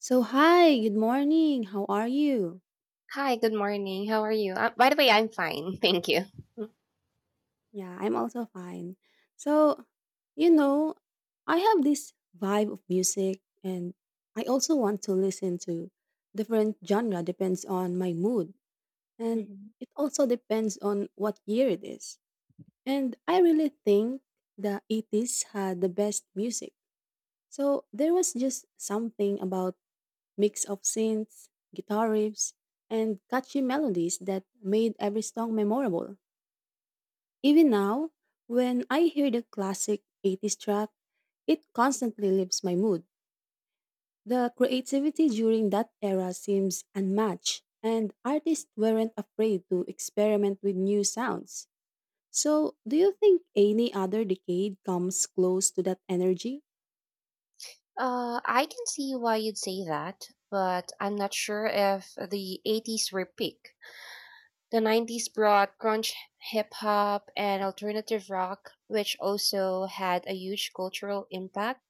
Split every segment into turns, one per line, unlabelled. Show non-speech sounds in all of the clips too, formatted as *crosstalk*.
So, hi, good morning. How are you?
Hi, good morning. How are you? By the way, I'm fine. *laughs* Thank you. Mm.
Yeah, I'm also fine. So, you know, I have this vibe of music and I also want to listen to different genre depends on my mood and
Mhm.
it also depends on what year it is. And I really think the 80s had the best music. So, there was just something about mix of synths, guitar riffs, and catchy melodies that made every song memorable. Even now, when I hear the classic 80s track, it constantly lifts my mood. The creativity during that era seems unmatched, and artists weren't afraid to experiment with new sounds. So, do you think any other decade comes close to that energy?
I can see why you'd say that, but I'm not sure if the 80s were peak. The 90s brought grunge hip hop and alternative rock, which also had a huge cultural impact.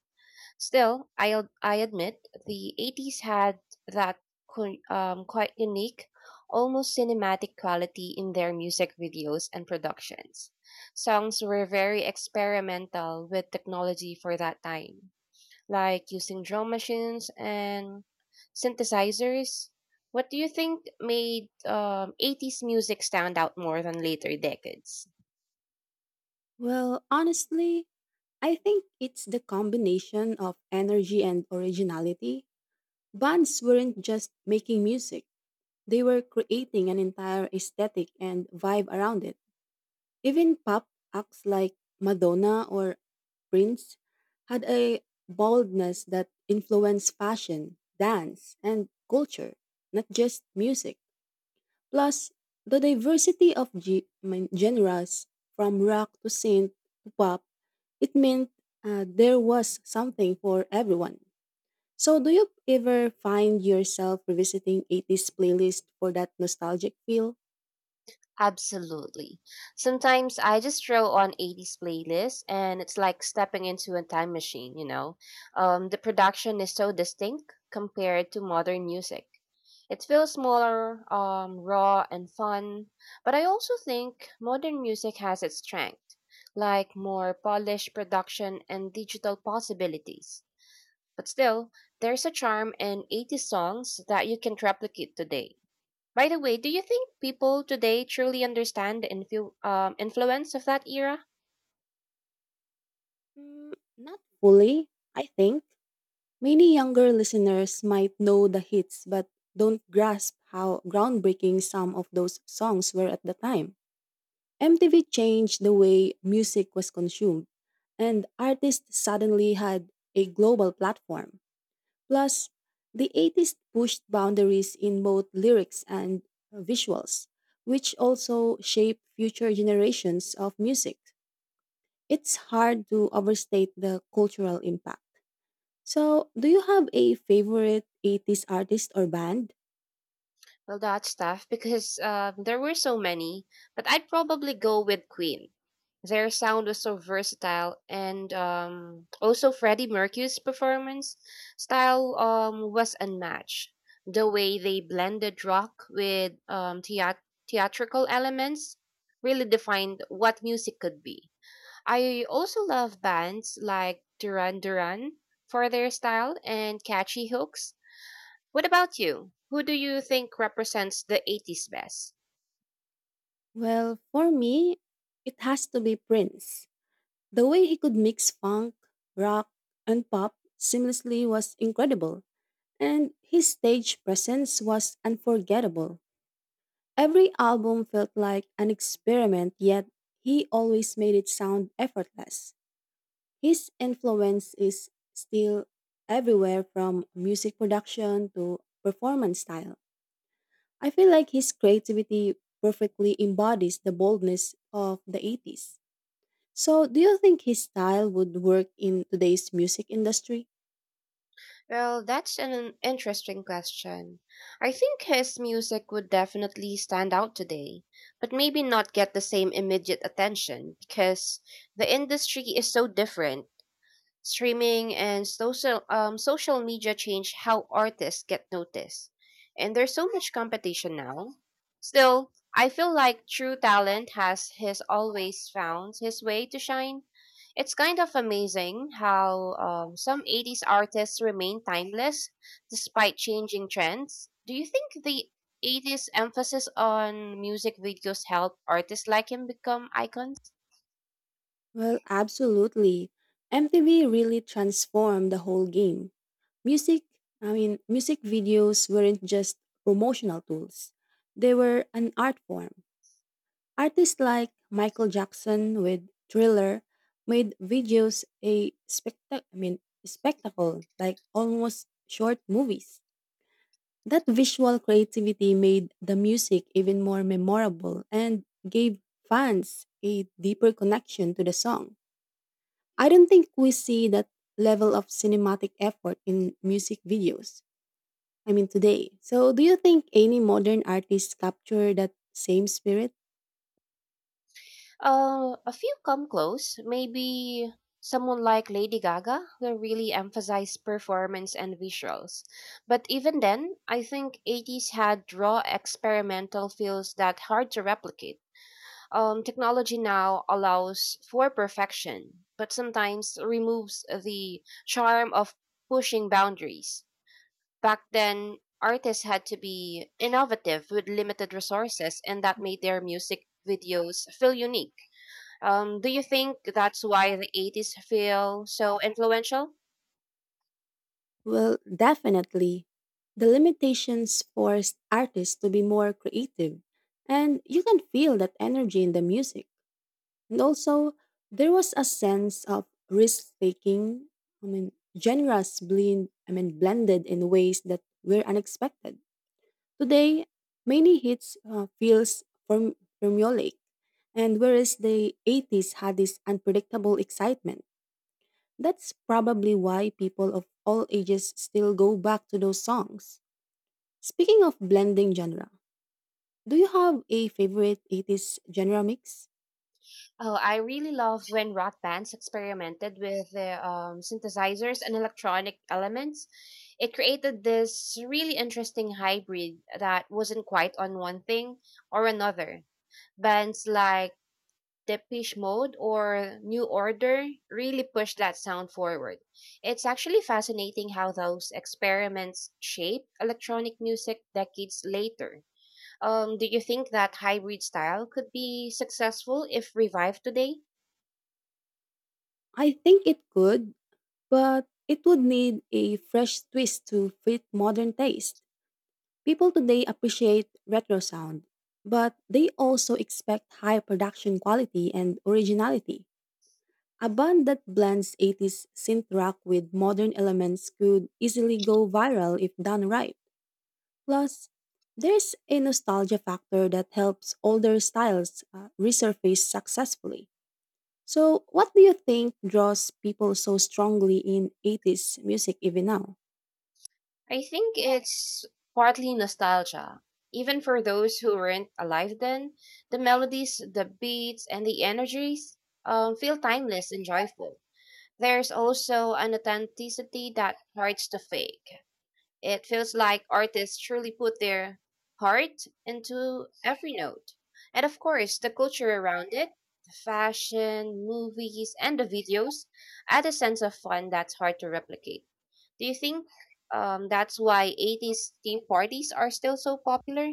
Still, I admit the 80s had that quite unique, almost cinematic quality in their music videos and productions. Songs were very experimental with technology for that time, like using drum machines and synthesizers. What do you think made 80s music stand out more than later decades?
Well, honestly, I think it's the combination of energy and originality. Bands weren't just making music. They were creating an entire aesthetic and vibe around it. Even pop acts like Madonna or Prince had a boldness that influenced fashion, dance, and culture, not just music. Plus, the diversity of I mean, genres from rock to synth to pop, it meant there was something for everyone. So, do you ever find yourself revisiting 80s playlist for that nostalgic feel?
Absolutely. Sometimes I just throw on 80s playlists and it's like stepping into a time machine, you know. The production is so distinct compared to modern music. It feels smaller, raw, and fun. But I also think modern music has its strength, like more polished production and digital possibilities. But still, there's a charm in 80s songs that you can replicate today. By the way, do you think people today truly understand the influ- influence of that era?
Mm, not fully, I think. Many younger listeners might know the hits but don't grasp how groundbreaking some of those songs were at the time. MTV changed the way music was consumed, and artists suddenly had a global platform. Plus, the 80s pushed boundaries in both lyrics and visuals, which also shaped future generations of music. It's hard to overstate the cultural impact. So, do you have a favorite 80s artist or band?
Well, that's tough because there were so many, but I'd probably go with Queen. Their sound was so versatile, and also Freddie Mercury's performance style was unmatched. The way they blended rock with theatrical elements really defined what music could be. I also love bands like Duran Duran for their style and catchy hooks. What about you? Who do you think represents the 80s best?
Well, for me, it has to be Prince. The way he could mix funk, rock, and pop seamlessly was incredible, and his stage presence was unforgettable. Every album felt like an experiment, yet he always made it sound effortless. His influence is still everywhere from music production to performance style. I feel like his creativity perfectly embodies the boldness of the 80s. So, do you think his style would work in today's music industry?
Well, that's an interesting question. I think his music would definitely stand out today, but maybe not get the same immediate attention because the industry is so different. Streaming and social media change how artists get noticed, and there's so much competition now. Still, I feel like true talent has always found his way to shine. It's kind of amazing how some 80s artists remain timeless despite changing trends. Do you think the 80s emphasis on music videos help artists like him become icons?
Well, absolutely. MTV really transformed the whole game. Music, I mean, music videos weren't just promotional tools, they were an art form. Artists like Michael Jackson with Thriller made videos a spectac I mean, spectacle, like almost short movies. That visual creativity made the music even more memorable and gave fans a deeper connection to the song. I don't think we see that level of cinematic effort in music videos. I mean, today. So, do you think any modern artists capture that same spirit?
A few come close. Maybe someone like Lady Gaga will really emphasize performance and visuals. But even then, I think 80s had raw experimental feels that hard to replicate. Technology now allows for perfection, but sometimes removes the charm of pushing boundaries. Back then, artists had to be innovative with limited resources, and that made their music videos feel unique. Do you think that's why the 80s feel so influential?
Well, definitely. The limitations forced artists to be more creative, and you can feel that energy in the music. And also, there was a sense of risk taking, I mean, I mean, blended in ways that were unexpected. Today, many hits feels formulaic, and whereas the 80s had this unpredictable excitement, that's probably why people of all ages still go back to those songs. Speaking of blending genre, do you have a favorite 80s genre mix?
Oh, I really love when rock bands experimented with the synthesizers and electronic elements. It created this really interesting hybrid that wasn't quite on one thing or another. Bands like Depeche Mode or New Order really pushed that sound forward. It's actually fascinating how those experiments shaped electronic music decades later. Do you think that hybrid style could be successful if revived today?
I think it could but it would need a fresh twist to fit modern taste. People today appreciate retro sound, but they also expect high production quality and originality. A band that blends 80s synth rock with modern elements could easily go viral if done right. Plus, there's a nostalgia factor that helps older styles resurface successfully. So, what do you think draws people so strongly in 80s music even now?
I think it's partly nostalgia. Even for those who weren't alive then, the melodies, the beats, and the energies feel timeless and joyful. There's also an authenticity that hurts to fake. It feels like artists truly put their heart into every note. And of course, the culture around it, the fashion, movies, and the videos add a sense of fun that's hard to replicate. Do you think that's why 80s theme parties are still so popular?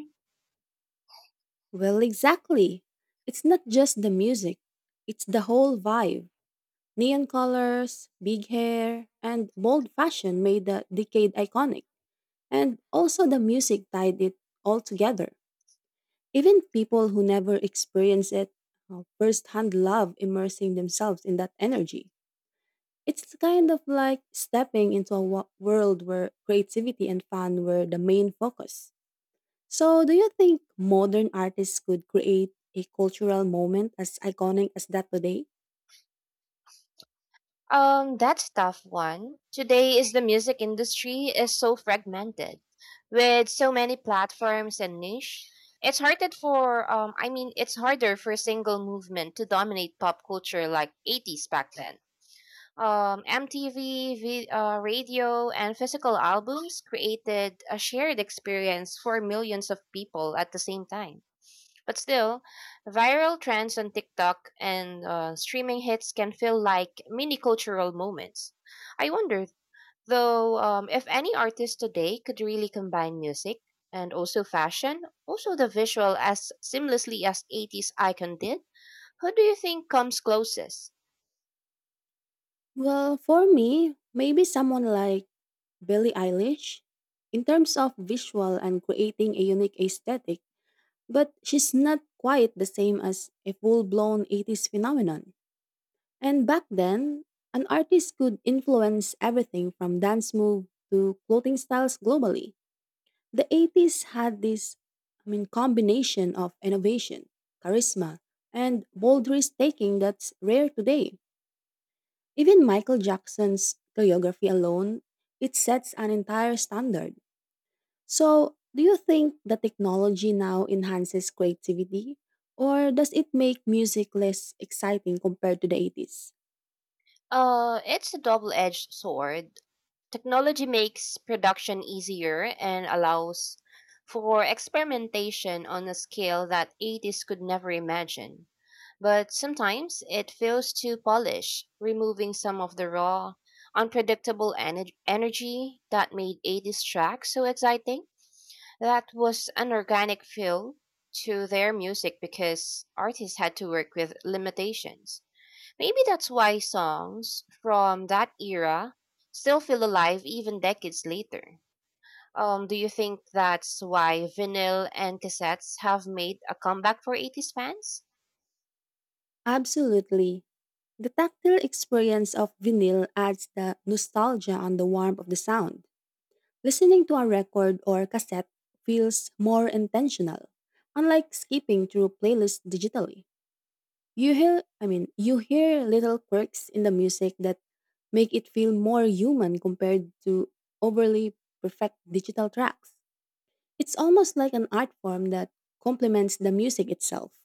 Well, exactly. It's not just the music, it's the whole vibe. Neon colors, big hair, and bold fashion made the decade iconic. And also, the music tied it all together. Even people who never experienced it firsthand love immersing themselves in that energy. It's kind of like stepping into a world where creativity and fun were the main focus. So, do you think modern artists could create a cultural moment as iconic as that today?
That's a tough one. Today is the music industry is so fragmented, with so many platforms and niche. It's harder it's harder for a single movement to dominate pop culture like '80s back then. MTV, radio, and physical albums created a shared experience for millions of people at the same time. But still, viral trends on TikTok and streaming hits can feel like mini cultural moments. I wonder, though, if any artist today could really combine music and also fashion, also the visual as seamlessly as 80s icon did, who do you think comes closest?
Well, for me, maybe someone like Billie Eilish in terms of visual and creating a unique aesthetic, but she's not quite the same as a full blown 80s phenomenon. And back then, an artist could influence everything from dance move to clothing styles globally. The 80s had this, I mean, combination of innovation, charisma, and bold risk taking that's rare today. Even Michael Jackson's choreography alone, it sets an entire standard. So, do you think the technology now enhances creativity or does it make music less exciting compared to the 80s?
It's a double edged sword. Technology makes production easier and allows for experimentation on a scale that 80s could never imagine. But sometimes it fails to polish, removing some of the raw, unpredictable energy that made 80s tracks so exciting. That was an organic feel to their music because artists had to work with limitations. Maybe that's why songs from that era still feel alive even decades later. Do you think that's why vinyl and cassettes have made a comeback for 80s fans?
Absolutely. The tactile experience of vinyl adds the nostalgia and the warmth of the sound. Listening to a record or cassette feels more intentional. Unlike skipping through playlists digitally, I mean, you hear little quirks in the music that make it feel more human compared to overly perfect digital tracks. It's almost like an art form that complements the music itself.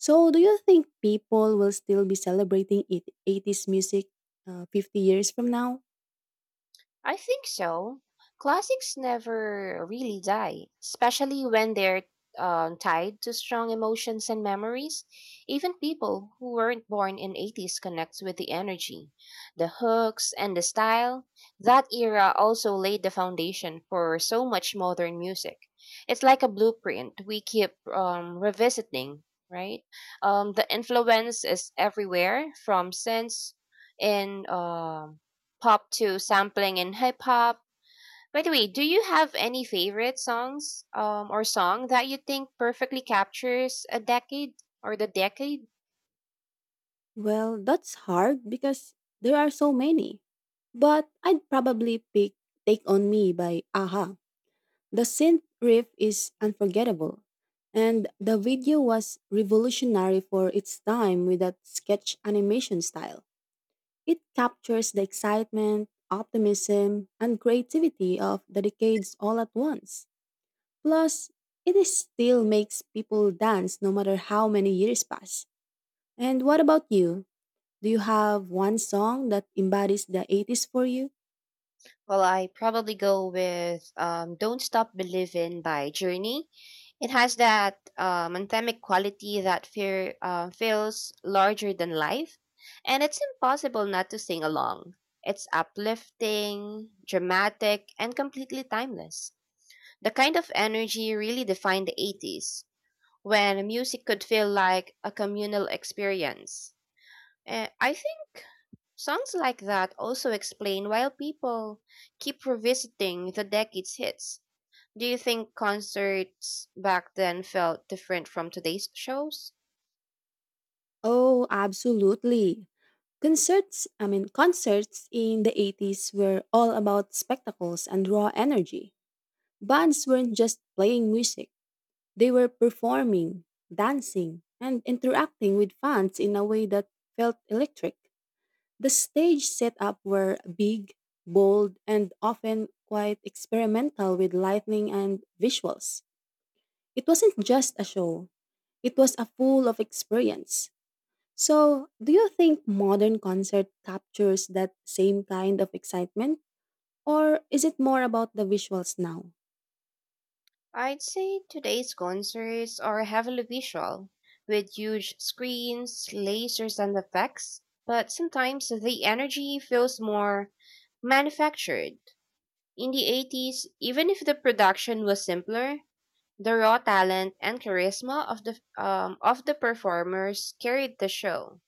So, do you think people will still be celebrating 80s music 50 years from now?
I think so. Classics never really die, especially when they're tied to strong emotions and memories. Even people who weren't born in 80s connect with the energy, the hooks, and the style. That era also laid the foundation for so much modern music. It's like a blueprint we keep revisiting, right? The influence is everywhere from synths and pop to sampling in hip hop. By the way, do you have any favorite songs or song that you think perfectly captures a decade or the decade?
Well, that's hard because there are so many. But I'd probably pick Take On Me by Aha. The synth riff is unforgettable. And the video was revolutionary for its time with that sketch animation style. It captures the excitement, optimism, and creativity of the decades all at once. Plus, it is still makes people dance no matter how many years pass. And what about you? Do you have one song that embodies the 80s for you?
Well, I probably go with Don't Stop Believin' by Journey. It has that anthemic quality that feels larger than life, and it's impossible not to sing along. It's uplifting, dramatic, and completely timeless. The kind of energy really defined the 80s, when music could feel like a communal experience. I think songs like that also explain why people keep revisiting the decade's hits. Do you think concerts back then felt different from today's shows?
Oh, absolutely. I mean, concerts in the 80s were all about spectacles and raw energy. Bands weren't just playing music, they were performing, dancing, and interacting with fans in a way that felt electric. The stage setup were big, bold, and often quite experimental with lighting and visuals. It wasn't just a show, it was a full of experience. So, do you think modern concert captures that same kind of excitement or is it more about the visuals now?
I'd say today's concerts are heavily visual, with huge screens, lasers, and effects, but sometimes the energy feels more manufactured. In the 80s, even if the production was simpler, the raw talent and charisma of the performers carried the show.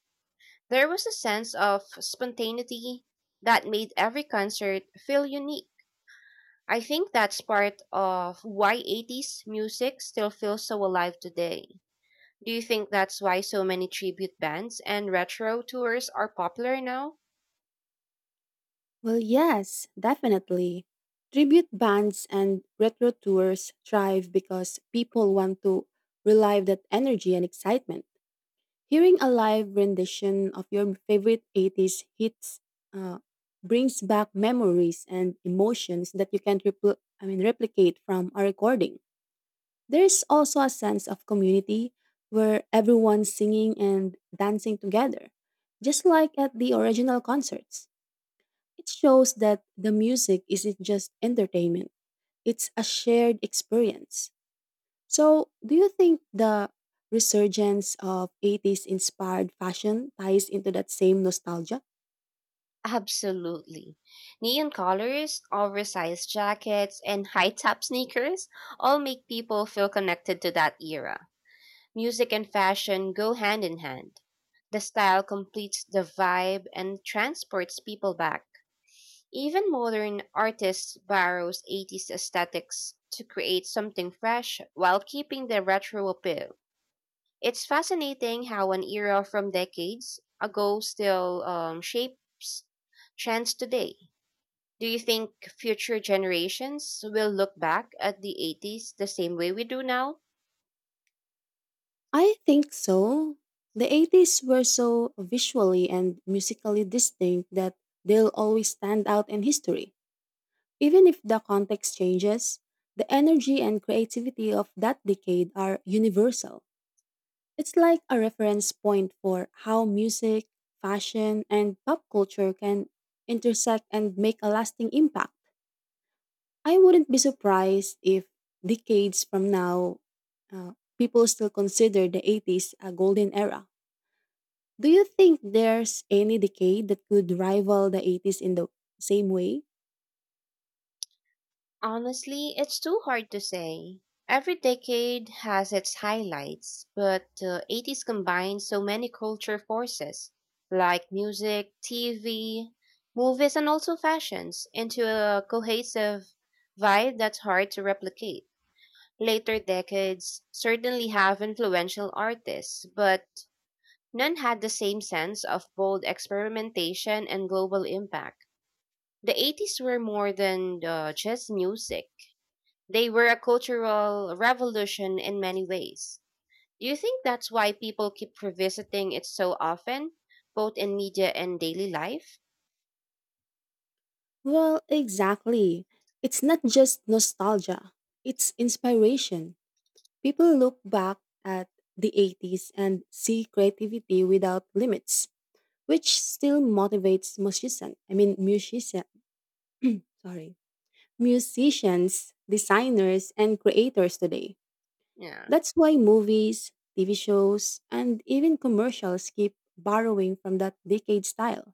There was a sense of spontaneity that made every concert feel unique. I think that's part of why 80s music still feels so alive today. Do you think that's why so many tribute bands and retro tours are popular now?
Well, yes, definitely. Tribute bands and retro tours thrive because people want to relive that energy and excitement. Hearing a live rendition of your favorite 80s hits uh, brings back memories and emotions that you can't I mean, replicate from a recording. There is also a sense of community where everyone's singing and dancing together, just like at the original concerts. It shows that the music isn't just entertainment, it's a shared experience. So, do you think the resurgence of 80s inspired fashion ties into that same nostalgia?
Absolutely. Neon colors, oversized jackets, and high top sneakers all make people feel connected to that era. Music and fashion go hand in hand. The style completes the vibe and transports people back. Even modern artists borrows 80s aesthetics to create something fresh while keeping the retro appeal. It's fascinating how an era from decades ago still shapes trends today. Do you think future generations will look back at the 80s the same way we do now?
I think so. The 80s were so visually and musically distinct that they'll always stand out in history. Even if the context changes, the energy and creativity of that decade are universal. It's like a reference point for how music, fashion, and pop culture can intersect and make a lasting impact. I wouldn't be surprised if decades from now, people still consider the 80s a golden era. Do you think there's any decade that could rival the 80s in the same way?
Honestly, it's too hard to say. Every decade has its highlights, but the 80s combined so many culture forces, like music, TV, movies, and also fashions, into a cohesive vibe that's hard to replicate. Later decades certainly have influential artists, but none had the same sense of bold experimentation and global impact. The 80s were more than just music, they were a cultural revolution in many ways. Do you think that's why people keep revisiting it so often, both in media and daily life?
Well, exactly. It's not just nostalgia, it's inspiration. People look back at the 80s and see creativity without limits, which still motivates musicians. I mean, musician. Sorry musicians, designers, and creators today.
Yeah.
That's why movies, TV shows, and even commercials keep borrowing from that decade style.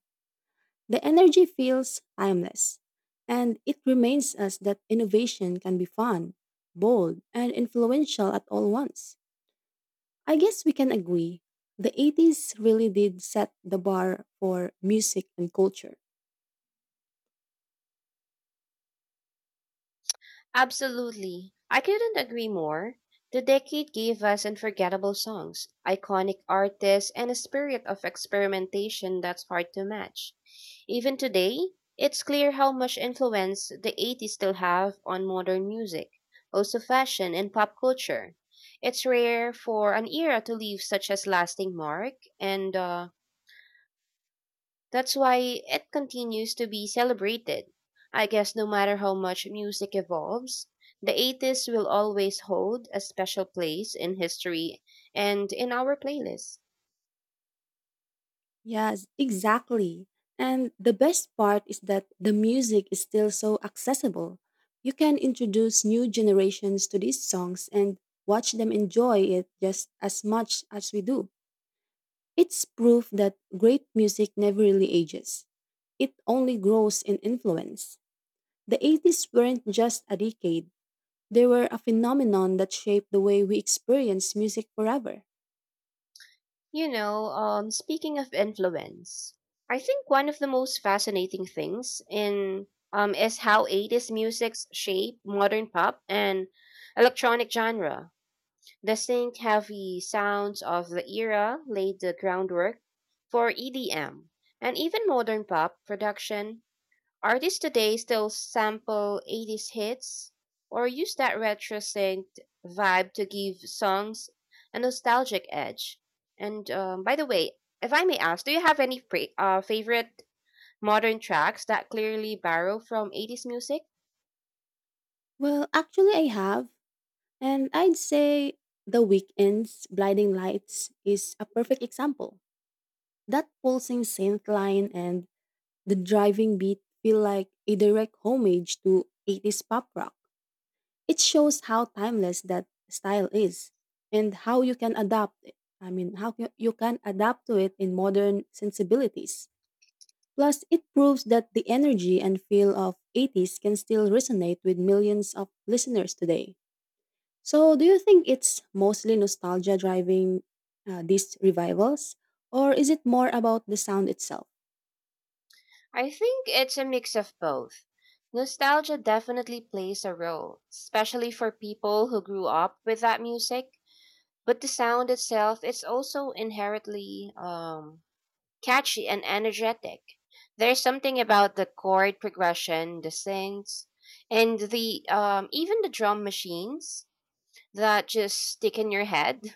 The energy feels timeless, and it reminds us that innovation can be fun, bold, and influential at all once. I guess we can agree the 80s really did set the bar for music and culture.
Absolutely. I couldn't agree more. The decade gave us unforgettable songs, iconic artists, and a spirit of experimentation that's hard to match. Even today, it's clear how much influence the 80s still have on modern music, also fashion and pop culture. It's rare for an era to leave such a lasting mark, and that's why it continues to be celebrated. I guess no matter how much music evolves, the 80s will always hold a special place in history and in our playlist.
Yes, exactly. And the best part is that the music is still so accessible. You can introduce new generations to these songs and watch them enjoy it just as much as we do. It's proof that great music never really ages. It only grows in influence. The 80s weren't just a decade, they were a phenomenon that shaped the way we experience music forever.
You know, speaking of influence, I think one of the most fascinating things in is how 80s musics shape modern pop and electronic genre. Distinct, heavy sounds of the era laid the groundwork for EDM and even modern pop production. Artists today still sample 80s hits or use that retro synced vibe to give songs a nostalgic edge. And by the way, if I may ask, do you have any favorite modern tracks that clearly borrow from 80s music?
Well, actually, I have. And I'd say The Weeknd's Blinding Lights is a perfect example. That pulsing synth line and the driving beat feel like a direct homage to 80s pop rock. It shows how timeless that style is and how you can adapt it. I mean, you can adapt to it in modern sensibilities. Plus, it proves that the energy and feel of 80s can still resonate with millions of listeners today. So, do you think it's mostly nostalgia driving these revivals, or is it more about the sound itself?
I think it's a mix of both. Nostalgia definitely plays a role, especially for people who grew up with that music. But the sound itself is also inherently catchy and energetic. There's something about the chord progression, the synths, and the even the drum machines that just stick in your head.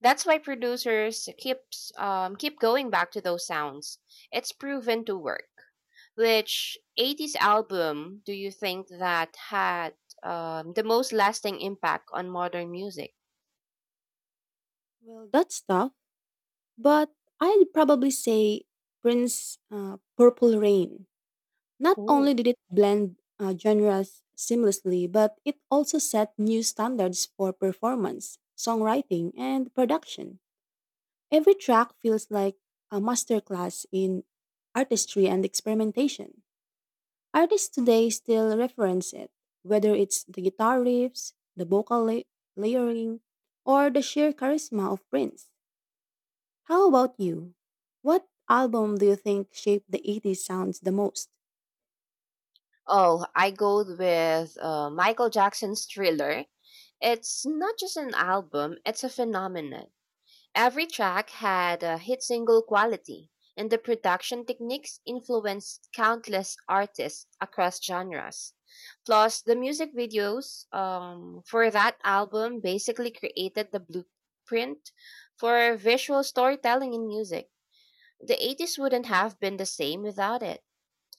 That's why producers keep going back to those sounds. It's proven to work. Which 80s album do you think that had the most lasting impact on modern music?
Well, that's tough, but I'd probably say Prince Purple Rain. Not
Ooh.
only did it blend genres seamlessly, but it also set new standards for performance, songwriting, and production. Every track feels like a masterclass in artistry and experimentation. Artists today still reference it, whether it's the guitar riffs, the vocal layering, or the sheer charisma of Prince. How about you? What album do you think shaped the 80s sounds the most?
Oh, I go with Michael Jackson's Thriller. It's not just an album, it's a phenomenon. Every track had a hit single quality, and the production techniques influenced countless artists across genres. Plus, the music videos for that album basically created the blueprint for visual storytelling in music. The 80s wouldn't have been the same without it.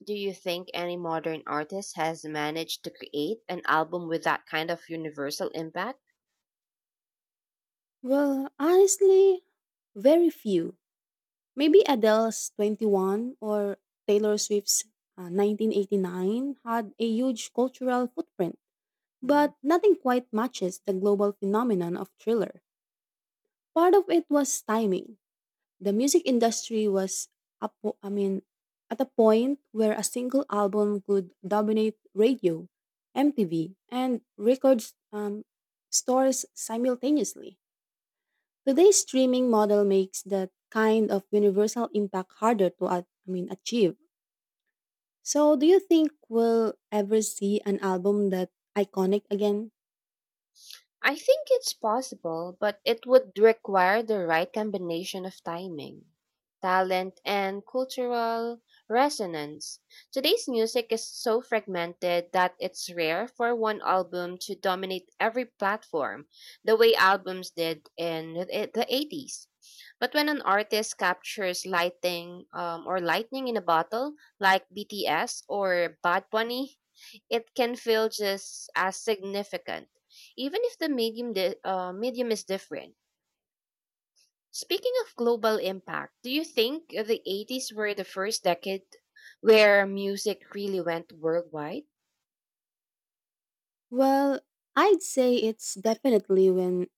Do you think any modern artist has managed to create an album with that kind of universal impact?
Well, honestly, very few. Maybe Adele's 21 or Taylor Swift's 1989 had a huge cultural footprint, but nothing quite matches the global phenomenon of thriller. Part of it was timing. The music industry was a I mean at a point where a single album could dominate radio, MTV, and record um, stores simultaneously. Today's streaming model makes that kind of universal impact harder to I mean achieve. So do you think we'll ever see an album that iconic again?
I think it's possible, but it would require the right combination of timing, talent, and cultural resonance. Today's music is so fragmented that it's rare for one album to dominate every platform the way albums did in the 80s. But when an artist captures lighting or lightning in a bottle, like BTS or Bad Bunny, it can feel just as significant even if the medium is different. Speaking of global impact, do you think the 80s were the first decade where music really went worldwide?
Well, I'd say it's definitely when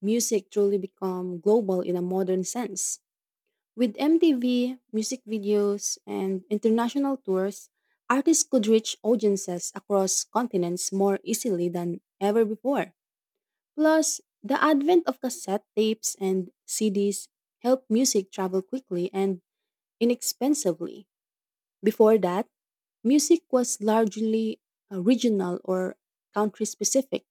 music truly become global in a modern sense. With MTV, music videos, and international tours, artists could reach audiences across continents more easily than ever before. Plus, the advent of cassette tapes and CDs helped music travel quickly and inexpensively. Before that, music was largely regional or country specific,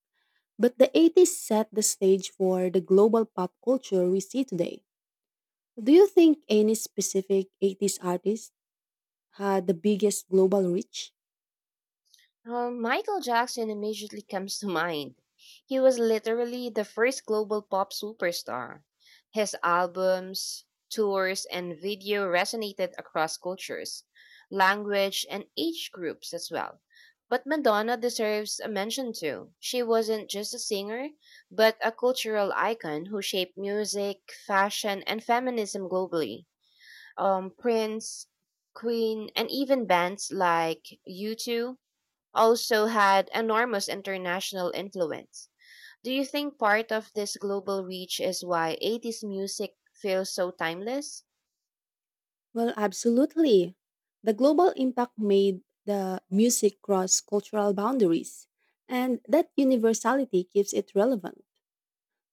but the 80s set the stage for the global pop culture we see today. Do you think any specific 80s artist had the biggest global reach?
Michael Jackson immediately comes to mind. He was literally the first global pop superstar. His albums, tours, and video resonated across cultures, language, and age groups as well. But Madonna deserves a mention too. She wasn't just a singer, but a cultural icon who shaped music, fashion, and feminism globally. Prince, Queen, and even bands like U2 also had enormous international influence. Do you think part of this global reach is why 80s music feels so timeless?
Well, absolutely. The global impact made the music cross cultural boundaries, and that universality keeps it relevant.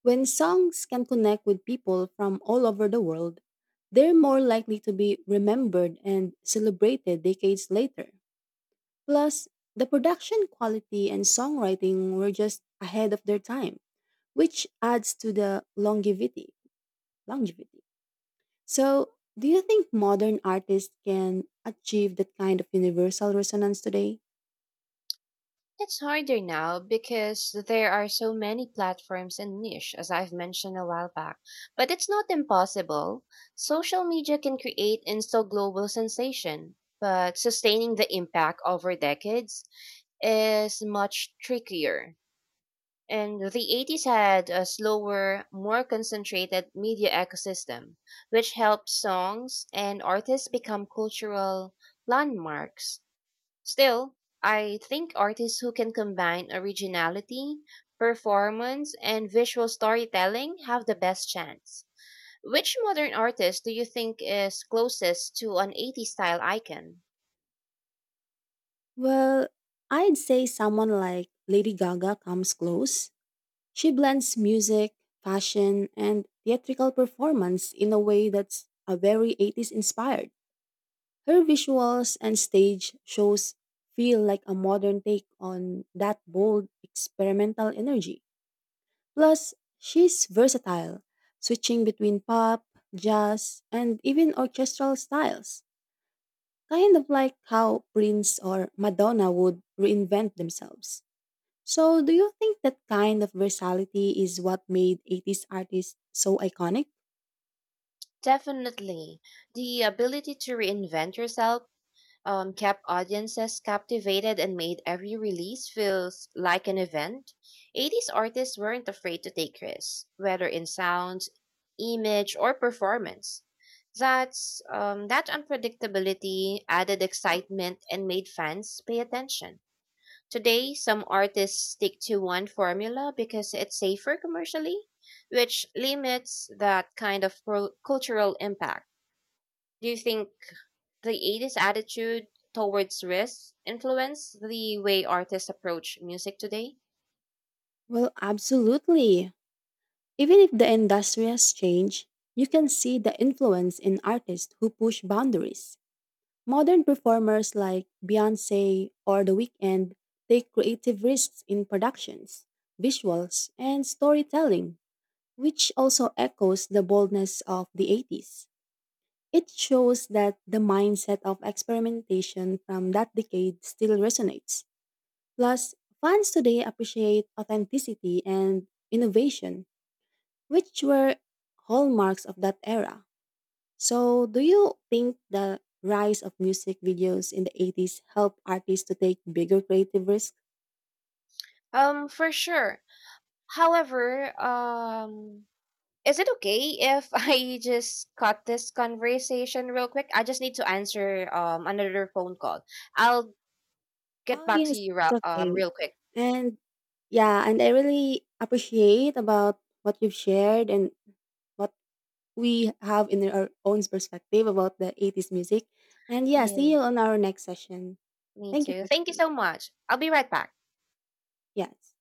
When songs can connect with people from all over the world, they're more likely to be remembered and celebrated decades later. Plus, the production quality and songwriting were just ahead of their time, which adds to the longevity. Longevity. So, do you think modern artists can achieve that kind of universal resonance today?
It's harder now because there are so many platforms and niche, as I've mentioned a while back. But it's not impossible. Social media can create instant global sensation, but sustaining the impact over decades is much trickier. And the 80s had a slower, more concentrated media ecosystem, which helped songs and artists become cultural landmarks. Still, I think artists who can combine originality, performance, and visual storytelling have the best chance. Which modern artist do you think is closest to an 80s style icon?
Well, I'd say someone like Lady Gaga comes close. She blends music, fashion, and theatrical performance in a way that's a very 80s inspired. Her visuals and stage shows feel like a modern take on that bold experimental energy. Plus, she's versatile, switching between pop, jazz, and even orchestral styles, kind of like how Prince or Madonna would reinvent themselves. So, do you think that kind of versatility is what made 80s artists so iconic?
Definitely. The ability to reinvent yourself kept audiences captivated and made every release feels like an event, 80s artists weren't afraid to take risks, whether in sounds, image, or performance. That unpredictability added excitement and made fans pay attention. Today, some artists stick to one formula because it's safer commercially, which limits that kind of cultural impact. Do you think the 80s attitude towards risk influenced the way artists approach music today?
Well, absolutely. Even if the industry has changed, you can see the influence in artists who push boundaries. Modern performers like Beyoncé or The Weeknd take creative risks in productions, visuals, and storytelling, which also echoes the boldness of the 80s. It shows that the mindset of experimentation from that decade still resonates. Plus, fans today appreciate authenticity and innovation, which were hallmarks of that era. So, do you think the rise of music videos in the 80s helped artists to take bigger creative risks?
For sure. However, is it okay if *laughs* I just cut this conversation real quick? I just need to answer another phone call. I'll get
Oh,
back to
yes,
you
it's okay.
real quick.
And yeah, and I really appreciate about what you've shared and what we have in our own perspective about the 80s music. And yeah,
Yeah,
see you on our next session.
me
Thank you
too.
for
Thank you
today.
so much. I'll be right back.
Yes.